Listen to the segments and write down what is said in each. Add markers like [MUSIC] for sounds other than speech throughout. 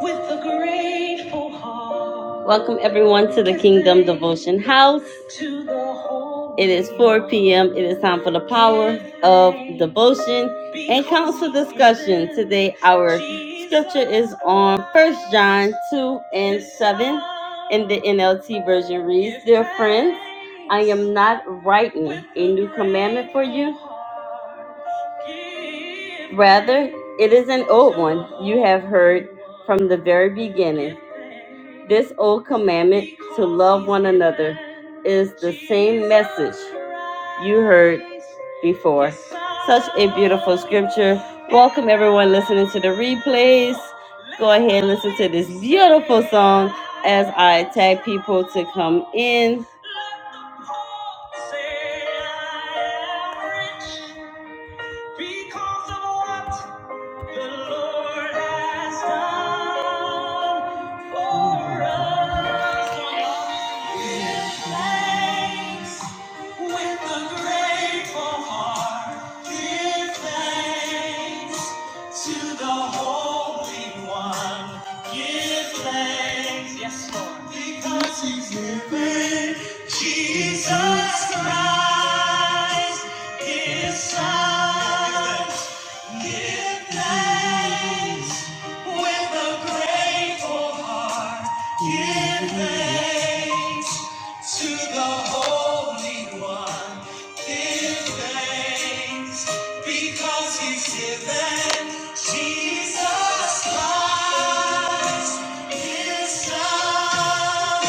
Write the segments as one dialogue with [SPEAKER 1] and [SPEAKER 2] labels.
[SPEAKER 1] with a grateful heart. Welcome everyone to the Kingdom Devotion House. It is 4 p.m. It is time for the power of devotion and council discussion. Today our scripture is on First John 2 and 7 in the NLT version reads, Dear friends, I am not writing a new commandment for you. Rather, it is an old one you have heard from the very beginning. This old commandment to love one another is the same message you heard before. Such a beautiful scripture. Welcome, everyone listening to the replays. Go ahead and listen to this beautiful song as I tag people to come in. Because of what the Lord has done for us, so we give thanks with a grateful heart, give thanks to the Holy One. Give thanks, yes, Lord, because He's given Jesus Christ, His Son. Give thanks with a grateful heart. Give thanks to the Holy One, give thanks because He's given Jesus Christ, His love.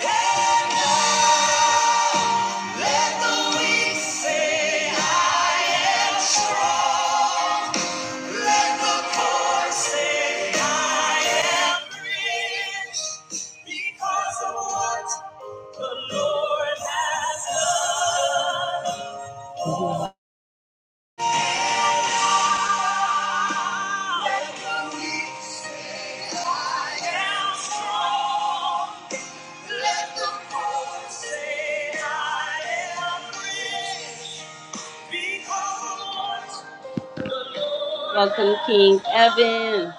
[SPEAKER 1] And now let the weak say, I am strong. Welcome, King Evan.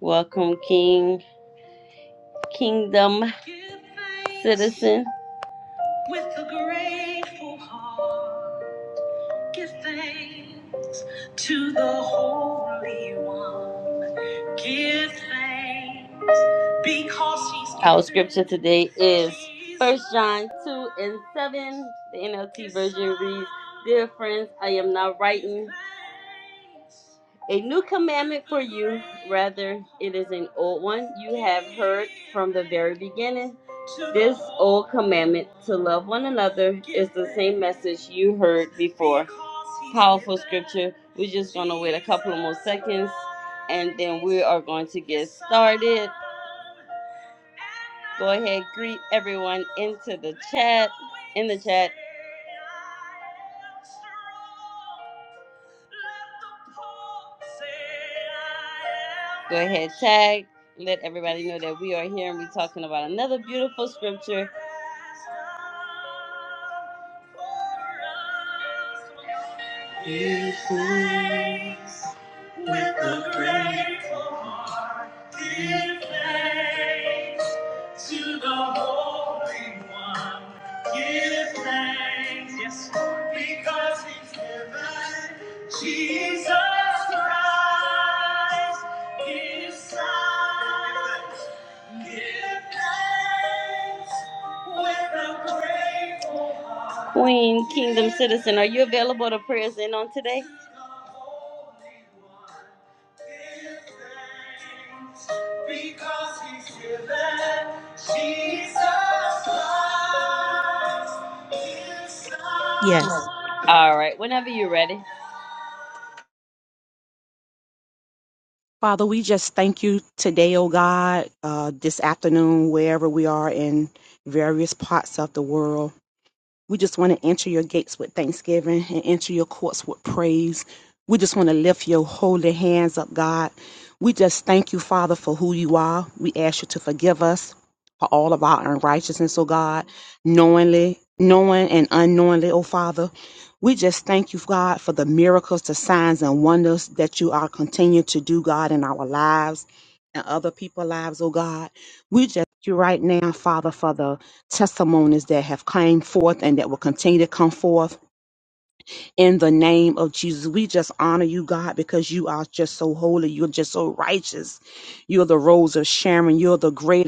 [SPEAKER 1] Welcome, King, Kingdom Citizen. With a grateful heart. Give thanks to the Holy One. Give thanks because He's. Our scripture today is First John 2 and 7. The NLT version reads Dear friends, I am now writing a new commandment for you. Rather, it is an old one you have heard from the very beginning. This old commandment to love one another is the same message you heard before. Powerful scripture. We're just going to wait a couple of more seconds and then we are going to get started. Go ahead, greet everyone into the chat. In the chat. Go ahead, tag. Let everybody know that we are here and we're talking about another beautiful scripture. Give thanks with a grateful heart. Give thanks to the Holy One. Give thanks, yes, Lord, because He's given Jesus Christ His Son. Give thanks with a grateful heart. Queen, Kingdom Citizen, are you available to pray in on today? Because he's given Jesus Christ
[SPEAKER 2] Yes.
[SPEAKER 1] All right, whenever you're ready.
[SPEAKER 2] Father, we just thank you today, oh God, uh, this afternoon, wherever we are in various parts of the world. We just want to enter your gates with thanksgiving and enter your courts with praise. We just want to lift your holy hands up, God. We just thank you, Father, for who you are. We ask you to forgive us for all of our unrighteousness, oh God, knowingly, knowing and unknowingly, oh Father. We just thank you, God, for the miracles, the signs and wonders that you are continuing to do, God, in our lives and other people's lives, oh God. We just thank you right now, Father, for the testimonies that have came forth and that will continue to come forth in the name of Jesus. We just honor you, God, because you are just so holy. You're just so righteous. You're the rose of Sharon. You're the great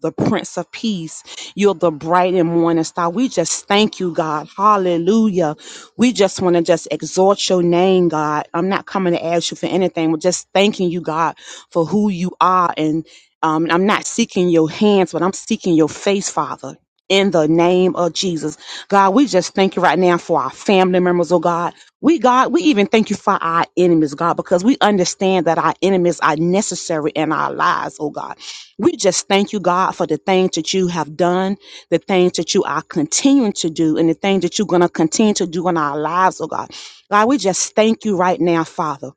[SPEAKER 2] the Prince of Peace. You're the bright and morning star. We just thank you, God. Hallelujah. We just want to just exalt your name, God. I'm not coming to ask you for anything. We're just thanking you, God, for who you are. And um, I'm not seeking your hands, but I'm seeking your face, Father. In the name of Jesus. God, we just thank you right now for our family members, oh God. We, God, we even thank you for our enemies, God, because we understand that our enemies are necessary in our lives, oh God. We just thank you, God, for the things that you have done, the things that you are continuing to do, and the things that you're going to continue to do in our lives, oh God. God, we just thank you right now, Father.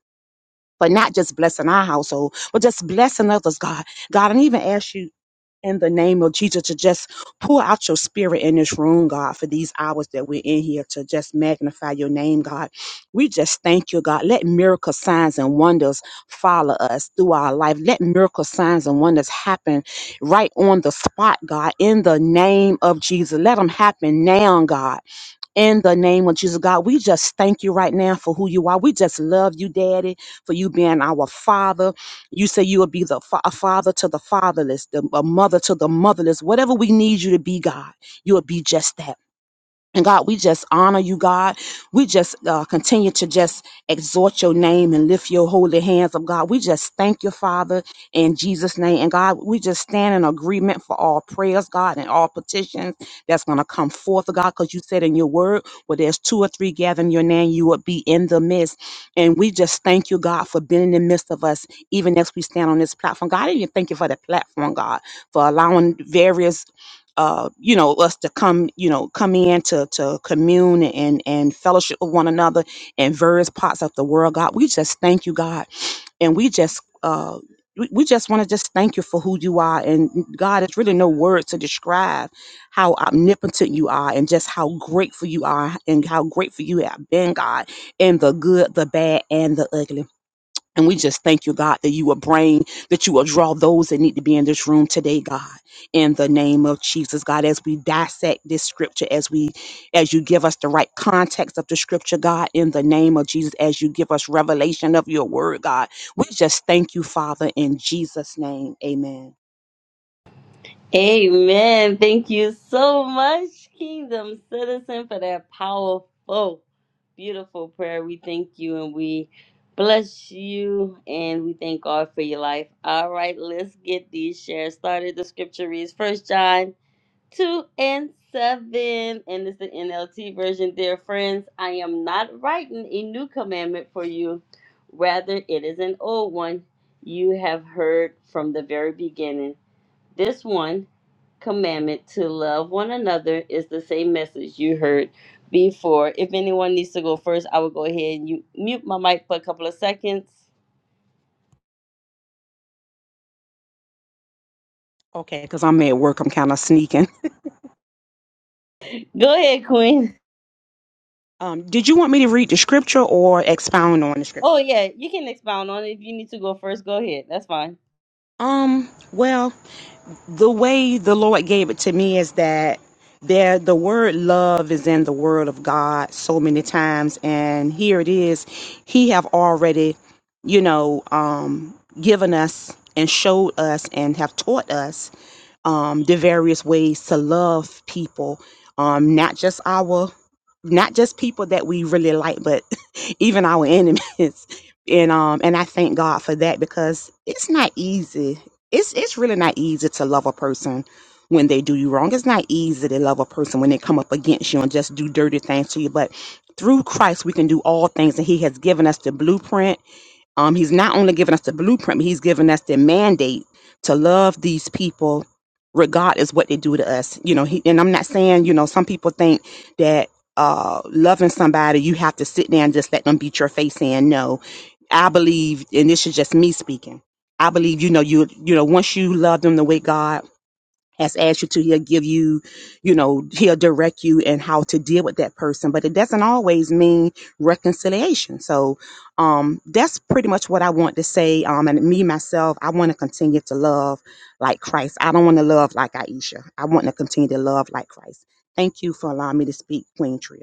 [SPEAKER 2] For not just blessing our household, but just blessing others, God. God, and even ask you in the name of Jesus to just pour out your spirit in this room, God, for these hours that we're in here to just magnify your name, God. We just thank you, God. Let miracle signs and wonders follow us through our life. Let miracle signs and wonders happen right on the spot, God, in the name of Jesus. Let them happen now, God in the name of Jesus, God, we just thank you right now for who you are. We just love you, Daddy, for you being our father. You say you will be the fa- a father to the fatherless, the, a mother to the motherless. Whatever we need you to be, God, you will be just that. And God, we just honor you, God. We just uh, continue to just exhort your name and lift your holy hands up, God. We just thank you, Father, in Jesus' name. And God, we just stand in agreement for all prayers, God, and all petitions that's going to come forth, God, because you said in your word, where there's two or three gathering your name, you would be in the midst. And we just thank you, God, for being in the midst of us, even as we stand on this platform. God, I even thank you for the platform, God, for allowing various uh, you know us to come you know come in to to commune and and fellowship with one another in various parts of the world god we just thank you god and we just uh we we just want to just thank you for who you are and mm, god it's really no words to describe how omnipotent you are and just how grateful you are and how grateful you have been god in the good the bad and the ugly and we just thank you, God, that you will bring, that you will draw those that need to be in this room today, God, in the name of Jesus, God, as we dissect this scripture, as we, as you give us the right context of the scripture, God, in the name of Jesus, as you give us revelation of your word, God, we just thank you, Father, in Jesus' name. Amen.
[SPEAKER 1] Amen. Thank you so much, Kingdom Citizen, for that powerful, beautiful prayer. We thank you and we bless you and we thank God for your life. All right, let's get these shares started. The scripture reads First John two and seven, and it's the NLT version. Dear friends, I am not writing a new commandment for you, rather, it is an old one you have heard from the very beginning. This one commandment to love one another is the same message you heard before. If anyone needs to go first, I will go ahead and you mute my mic for a couple of seconds.
[SPEAKER 2] Okay, because I'm at work, I'm kind of sneaking.
[SPEAKER 1] Go ahead, Queen. [LAUGHS]
[SPEAKER 2] Um, did you want me to read the scripture or expound on the scripture?
[SPEAKER 1] Oh yeah, you can expound on it if you need to go first. Go ahead. That's fine.
[SPEAKER 2] Um, well, the way the Lord gave it to me is that there the word love is in the word of God so many times and here it is he have already you know um given us and showed us and have taught us um, the various ways to love people, um, not just our, not just people that we really like, but [LAUGHS] even our enemies. [LAUGHS] And um, and I thank God for that because it's not easy. It's it's really not easy to love a person when they do you wrong. It's not easy to love a person when they come up against you and just do dirty things to you. But through Christ, we can do all things, and He has given us the blueprint um, he's not only giving us the blueprint, but he's giving us the mandate to love these people regardless what they do to us. You know, he, and I'm not saying, you know, some people think that uh, loving somebody, you have to sit there and just let them beat your face in. No, I believe, and this is just me speaking. I believe, you know, you, you know, once you love them the way God has asked you to, he'll give you, you know, he'll direct you and how to deal with that person. But it doesn't always mean reconciliation. So um, that's pretty much what I want to say. Um, and me, myself, I want to continue to love like Christ. I don't want to love like Aisha. I want to continue to love like Christ. Thank you for allowing me to speak, Queen Tria.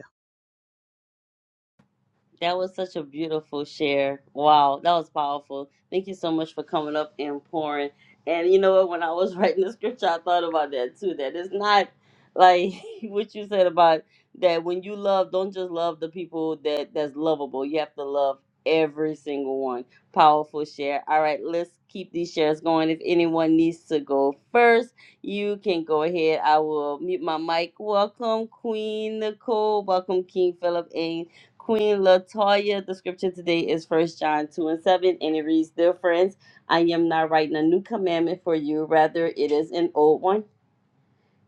[SPEAKER 1] That was such a beautiful share. Wow, that was powerful. Thank you so much for coming up and pouring. And you know what? When I was [LAUGHS] writing the scripture, I thought about that too. That it's not like [LAUGHS] what you said about that when you love, don't just love the people that that's lovable. You have to love every single one. Powerful share. All right, let's keep these shares going. If anyone needs to go first, you can go ahead. I will mute my mic. Welcome, Queen Nicole. Welcome, King Philip. And Queen Latoya, the scripture today is First John 2 and 7, and it reads, Dear friends, I am not writing a new commandment for you, rather, it is an old one.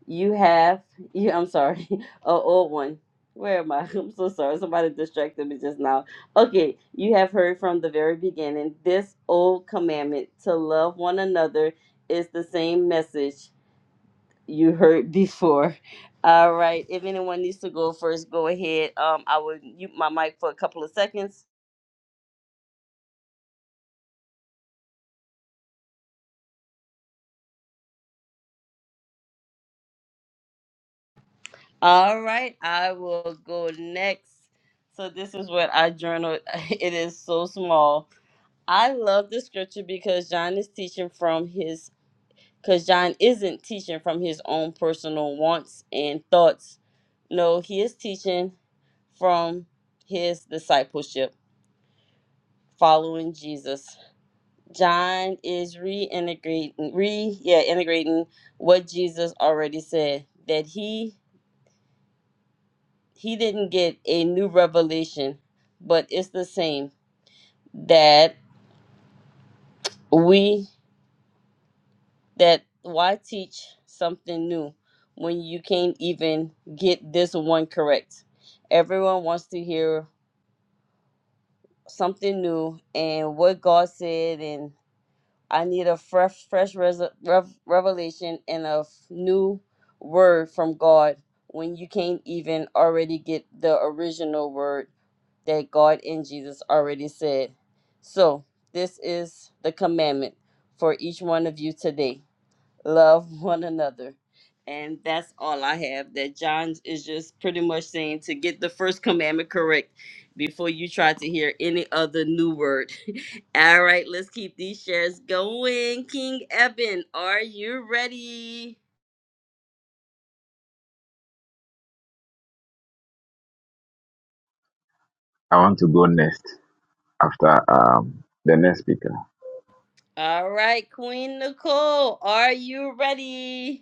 [SPEAKER 1] You have, [LAUGHS] you, I'm sorry, [LAUGHS] an old one. Where am I? [LAUGHS] I'm so sorry. Somebody distracted me just now. Okay, you have heard from the very beginning. This old commandment to love one another is the same message you heard [LAUGHS] before. All right. If anyone needs to go first, go ahead. Um, I will mute my mic for a couple of seconds. All right, I will go next. So this is what I journaled. [LAUGHS] It is so small. I love the scripture because John is teaching from his because John isn't teaching from his own personal wants and thoughts. No, he is teaching from his discipleship, following Jesus. John is reintegrating re yeah, integrating what Jesus already said that he he didn't get a new revelation, but it's the same that we that why teach something new when you can't even get this one correct. Everyone wants to hear something new and what God said and I need a fresh fresh res- rev- revelation and a f- new word from God when you can't even already get the original word that God and Jesus already said. So, this is the commandment for each one of you today love one another. And that's all I have. That John is just pretty much saying to get the first commandment correct before you try to hear any other new word. [LAUGHS] all right, let's keep these shares going. King Eben, are you ready?
[SPEAKER 3] I want to go next after um, the next speaker.
[SPEAKER 1] All right, Queen Nicole, are you ready?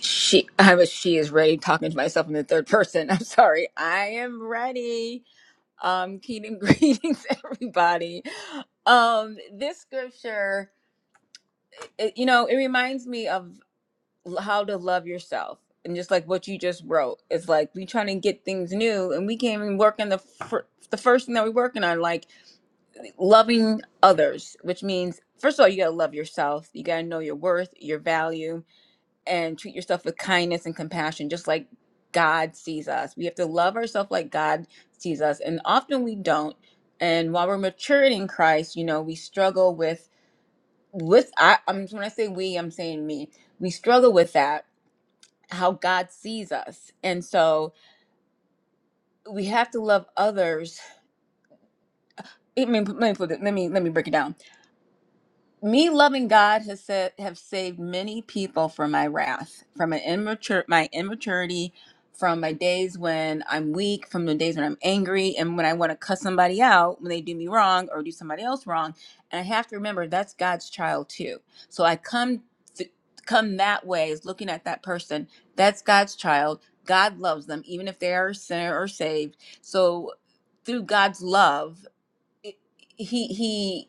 [SPEAKER 4] She, I was, she is ready talking to myself in the third person. [LAUGHS] I'm sorry. I am ready. Um, Keating, [LAUGHS] greetings, everybody. Um, this scripture, it, you know, it reminds me of l- how to love yourself and just like what you just wrote. It's like we trying to get things new and we can't even work on the, fir- the first thing that we're working on, like loving others, which means, first of all, you got to love yourself. You got to know your worth, your value and treat yourself with kindness and compassion, just like God sees us. We have to love ourselves like God sees us. And often we don't. And while we're maturing in Christ, you know, we struggle with with I I'm when I say we, I'm saying me. We struggle with that, how God sees us. And so we have to love others. I mean, let me put it, let me let me break it down me loving God has said have saved many people from my wrath, from an immature my immaturity, from my days when I'm weak, from the days when I'm angry, and when I want to cuss somebody out when they do me wrong or do somebody else wrong. And I have to remember that's God's child too. So I come th- come that way is looking at that person. That's God's child. God loves them, even if they are a sinner or saved. So through God's love he he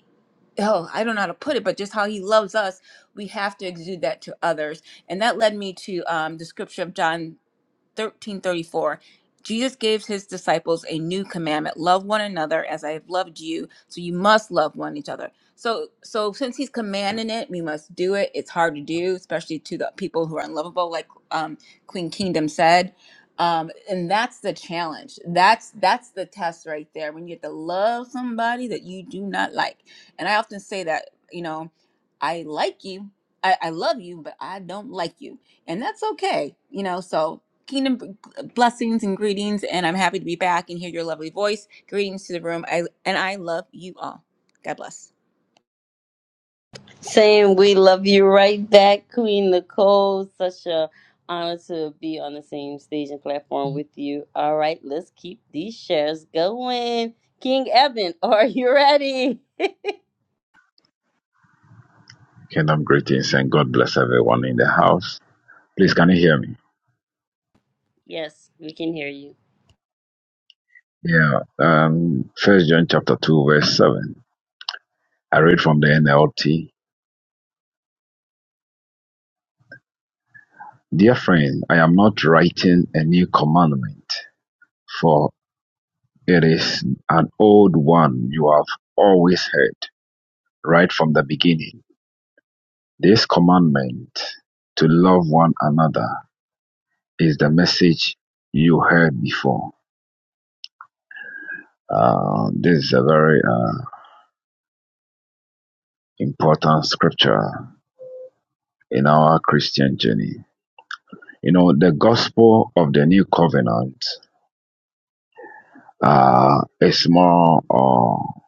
[SPEAKER 4] oh i don't know how to put it but just how he loves us we have to exude that to others and that led me to um, the scripture of john thirteen thirty four. Jesus gives his disciples a new commandment: love one another as I have loved you. So you must love one each other. So, so since he's commanding it, we must do it. It's hard to do, especially to the people who are unlovable, like um, Queen Kingdom said. Um, and that's the challenge. That's that's the test right there. When you have to love somebody that you do not like, and I often say that, you know, I like you, I, I love you, but I don't like you, and that's okay. You know, so Kingdom b- blessings and greetings, and I'm happy to be back and hear your lovely voice. Greetings to the room, I, and I love you all. God bless.
[SPEAKER 1] Saying we love you right back, Queen Nicole. Such a honor to be on the same stage and platform with you. All right, let's keep these shares going. King Eben, [LAUGHS] are you ready?
[SPEAKER 3] Kingdom greetings and God bless everyone in the house. Please, can you hear me?
[SPEAKER 1] Yes, we can hear you.
[SPEAKER 3] Yeah. Um, First John chapter two verse seven. I read from the NLT. Dear friend, I am not writing a new commandment, for it is an old one you have always heard right from the beginning. This commandment to love one another is the message you heard before. Uh, this is a very uh, important scripture in our Christian journey. You know, the gospel of the new covenant uh, is more uh,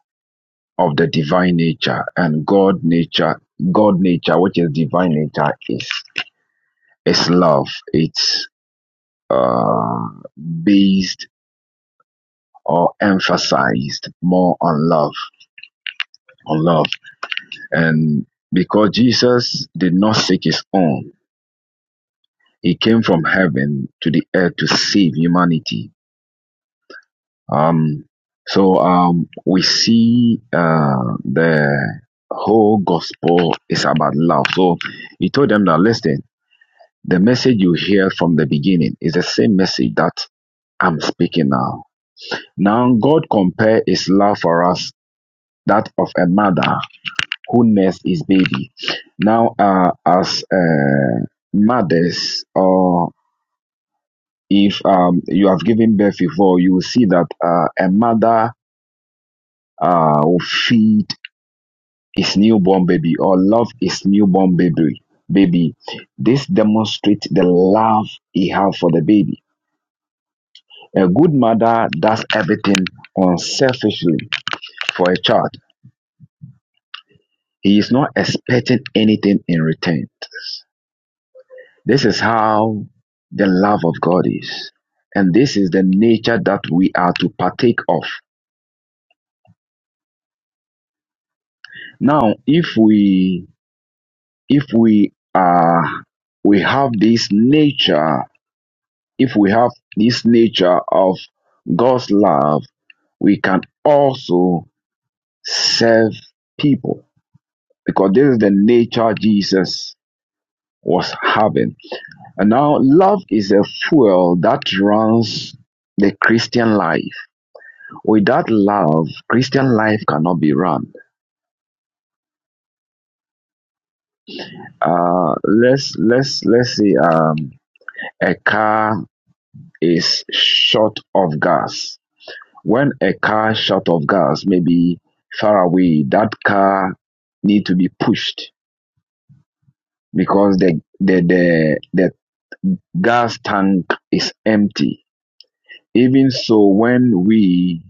[SPEAKER 3] of the divine nature and God nature. God nature, which is divine nature, is is love. It's uh, based or emphasized more on love, on love, and because Jesus did not seek his own, He came from heaven to the earth to save humanity. Um, so um, we see uh, the whole gospel is about love. So he told them that listen, the message you hear from the beginning is the same message that I'm speaking now. Now God compare His love for us that of a mother who nurses his baby. Now, uh, as uh, mothers or if um, you have given birth before, you will see that uh, a mother uh, will feed his newborn baby or love his newborn baby. Baby, this demonstrates the love he has for the baby. A good mother does everything unselfishly for a child. He is not expecting anything in return. This is how the love of God is, and this is the nature that we are to partake of. Now, if we if we are we have this nature if we have this nature of god's love we can also serve people because this is the nature jesus was having and now love is a fuel that runs the christian life without love christian life cannot be run uh let's let's let's say um a car is short of gas when a car short of gas maybe far away that car need to be pushed because the the the, the gas tank is empty even so when we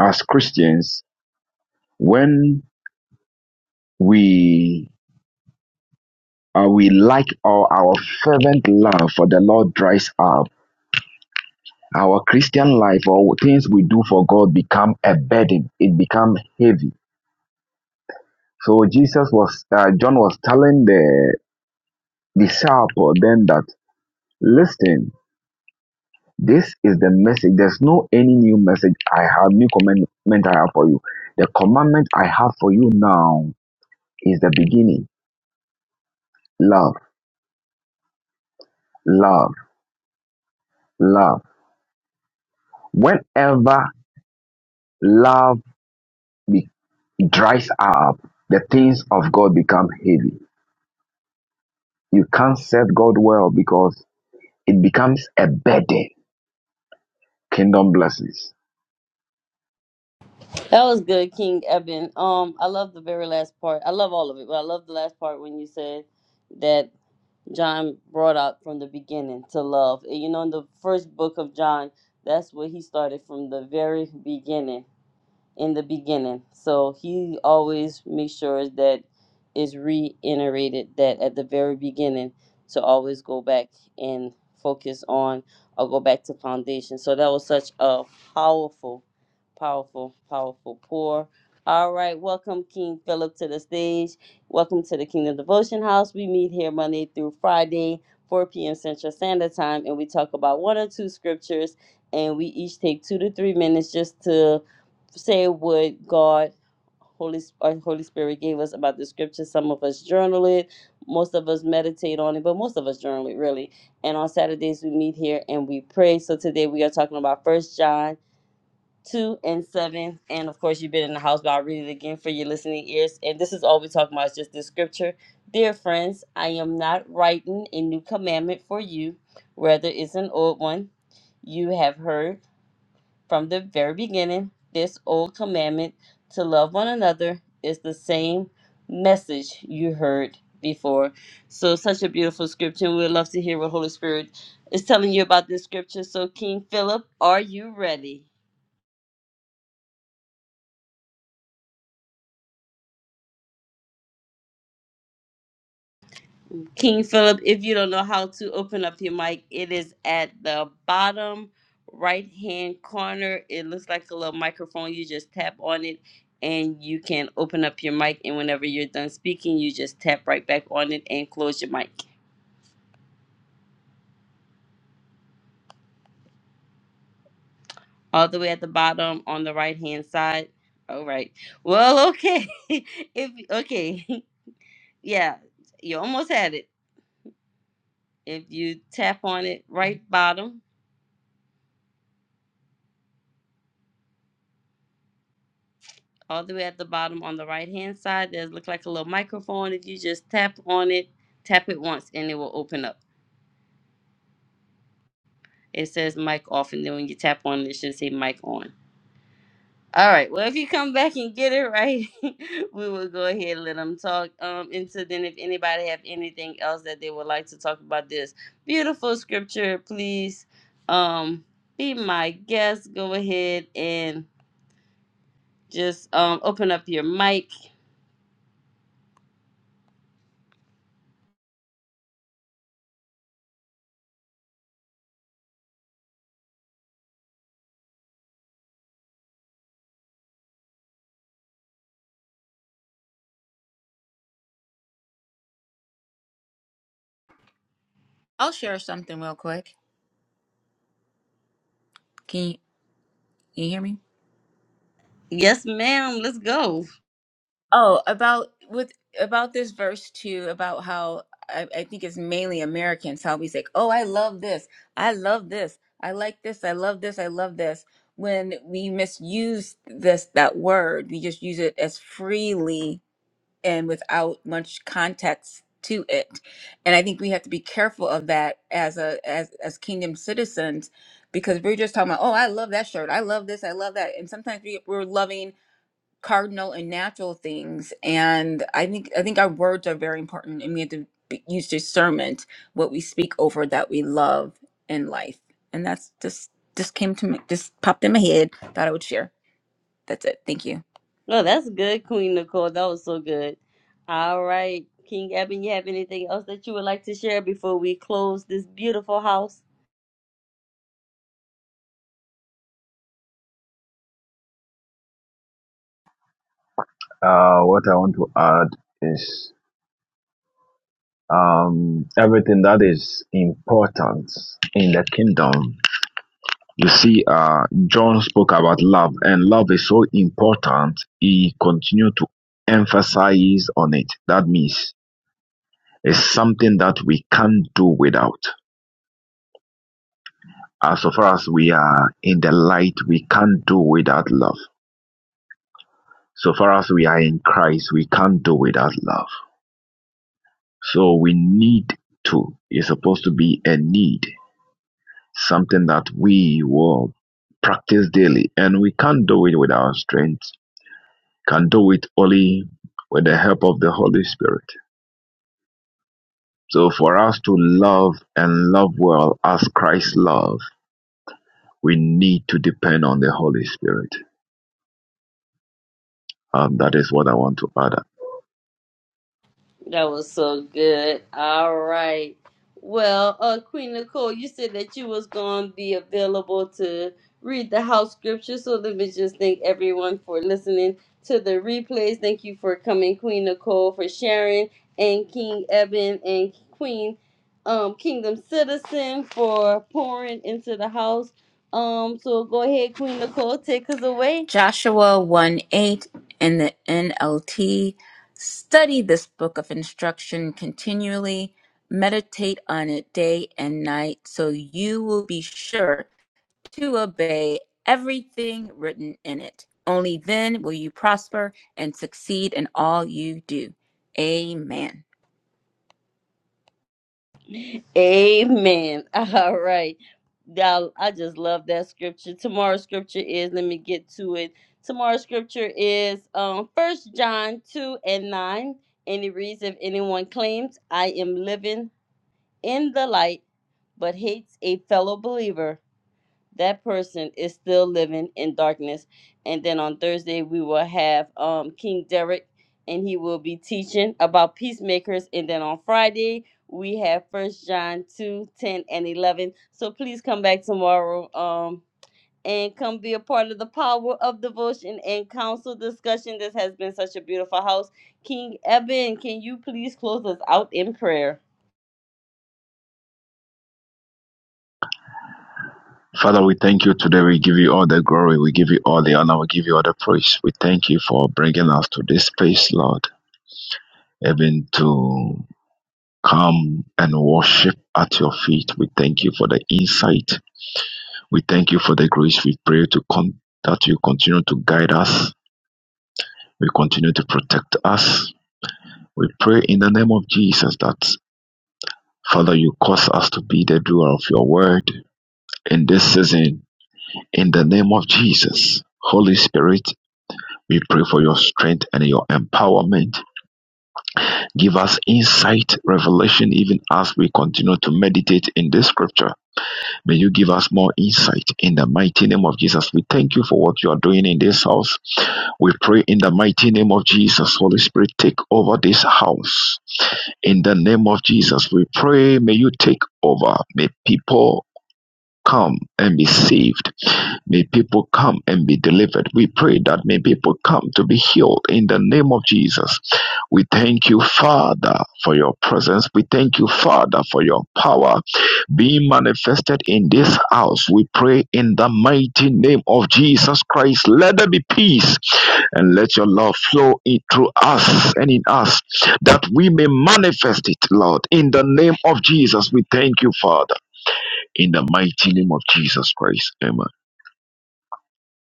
[SPEAKER 3] as christians when we uh, we like or our fervent love for the lord dries up our christian life or things we do for god become a burden it become heavy so jesus was uh, john was telling the disciple then that listen this is the message there's no any new message i have new commandment i have for you the commandment i have for you now is the beginning love love love whenever love be, dries up the things of god become heavy you can't serve god well because it becomes a burden kingdom blessings
[SPEAKER 1] That was good, King Eben. Um, I love the very last part. I love all of it, but I love the last part when you said that John brought out from the beginning to love. And you know, in the first book of John, that's where he started from the very beginning in the beginning. So he always makes sure that is reiterated that at the very beginning to always go back and focus on or go back to foundation. So that was such a powerful, powerful, powerful pour. All right, welcome King Philip to the stage. Welcome to the Kingdom Devotion House. We meet here Monday through Friday, 4 p.m. Central Standard Time, and we talk about one or two scriptures, and we each take two to three minutes just to say what God, Holy our Holy Spirit gave us about the scripture. Some of us journal it, most of us meditate on it, but most of us journal it really. And on Saturdays we meet here and we pray. So today we are talking about First John. 2 and 7 and of course you've been in the house but i'll read it again for your listening ears and this is all we're talking about is just this scripture dear friends i am not writing a new commandment for you rather it's an old one you have heard from the very beginning, this old commandment to love one another is the same message you heard before. So, such a beautiful scripture. and We'd love to hear what Holy Spirit is telling you about this scripture. So, King Philip, are you ready? King Philip, if you don't know how to open up your mic, it is at the bottom right hand corner. It looks like a little microphone. You just tap on it and you can open up your mic. And whenever you're done speaking, you just tap right back on it and close your mic. All the way at the bottom on the right hand side. All right. Well, okay. [LAUGHS] if okay. [LAUGHS] yeah, you almost had it. If you tap on it right bottom all the way at the bottom on the right hand side there's look like a little microphone if you just tap on it tap it once and it will open up it says mic off and then when you tap on it it should say mic on all right well if you come back and get it right [LAUGHS] we will go ahead and let them talk um and so then if anybody have anything else that they would like to talk about this beautiful scripture please um be my guest go ahead and just um open up your mic
[SPEAKER 4] I'll share something real quick. Can you, can you hear me?
[SPEAKER 1] yes ma'am let's go
[SPEAKER 4] Oh, about with about this verse too, about how I, I think it's mainly Americans how we say, "Oh, I love this, I love this, I like this, I love this, I love this." When we misuse this that word, we just use it as freely and without much context to it and i think we have to be careful of that as a as as kingdom citizens because we're just talking about oh i love that shirt i love this i love that and sometimes we, we're loving cardinal and natural things and i think i think our words are very important and we have to be, use discernment what we speak over that we love in life and that's just just came to me just popped in my head thought i would share that's it thank you
[SPEAKER 1] No, that's good, Queen Nicole. That was so good. All right, King Eben, you have anything else that you would like to share before we close this beautiful house?
[SPEAKER 3] uh what i want to add is um, everything that is important in the kingdom. You see, uh, John spoke about love, and love is so important. He continued to emphasize on it. That means it's something that we can't do without. As so far as we are in the light, we can't do without love. So far as we are in Christ, we can't do without love. So we need to. It's supposed to be a need something that we will practice daily. And we can't do it with our strength, can do it only with the help of the Holy Spirit. So for us to love and love well as Christ loved, we need to depend on the Holy Spirit. Um, that is what I want to add.
[SPEAKER 1] That was so good. All right. Well, uh, Queen Nicole, you said that you was going to be available to read the house scripture. So let me just thank everyone for listening to the replays. Thank you for coming, Queen Nicole, for sharing, and King Eben and Queen um, Kingdom Citizen for pouring into the house. Um, so go ahead, Queen Nicole, take us away.
[SPEAKER 4] Joshua 1 8 in the NLT. Study this book of instruction continually, meditate on it day and night, so you will be sure to obey everything written in it. Only then will you prosper and succeed in all you do. Amen.
[SPEAKER 1] Amen. [LAUGHS] All right. Y'all, I just love that scripture. Tomorrow's scripture is, let me get to it. Tomorrow's scripture is um first John 2 and 9. And it reads, if anyone claims I am living in the light, but hates a fellow believer that person is still living in darkness. And then on Thursday, we will have um, King Derek, and he will be teaching about peacemakers. And then on Friday, we have First John 2 10 and 11. So please come back tomorrow um, and come be a part of the power of devotion and council discussion. This has been such a beautiful house. King Eben, can you please close us out in prayer?
[SPEAKER 3] Father, we thank you today. We give you all the glory. We give you all the honor. We give you all the praise. We thank you for bringing us to this place, Lord, even to come and worship at your feet. We thank you for the insight. We thank you for the grace. We pray to con- that you continue to guide us. We continue to protect us. We pray in the name of Jesus that, Father, you cause us to be the doer of your word in this season. In the name of Jesus. Holy Spirit, We pray for your strength and your empowerment. Give us insight, revelation, even as we continue to meditate in this scripture. May you give us more insight in the mighty name of Jesus. We thank you for what you are doing in this house. We pray in the mighty name of Jesus. Holy Spirit, take over this house. In the name of Jesus, we pray. May you take over. May people come and be saved. May people come and be delivered. We pray that may people come to be healed in the name of Jesus. We thank you, Father, for your presence. We thank you, Father, for your power being manifested in this house. We pray in the mighty name of Jesus Christ. Let there be peace and let your love flow in through us and in us that we may manifest it, Lord. In the name of Jesus, we thank you, Father. In the mighty name of Jesus Christ. Amen.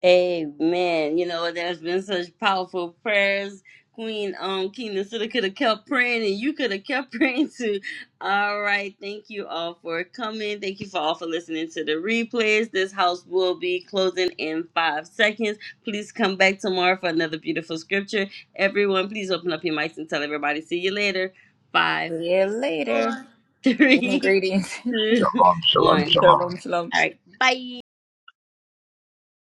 [SPEAKER 1] Amen. You know, there's been such powerful prayers. Queen um Kingdom City could have kept praying and you could have kept [LAUGHS] praying too. All right. Thank you all for coming. Thank you for all for listening to the replays. This house will be closing in five seconds. Please come back tomorrow for another beautiful scripture. Everyone, please open up your mics and tell everybody. See you later. Five,
[SPEAKER 4] See you later.
[SPEAKER 1] four, [LAUGHS] three,
[SPEAKER 4] Greetings.
[SPEAKER 1] two,
[SPEAKER 3] Shalom, shalom,
[SPEAKER 1] one.
[SPEAKER 4] [LAUGHS]
[SPEAKER 3] shalom.
[SPEAKER 4] shalom, shalom.
[SPEAKER 1] All right.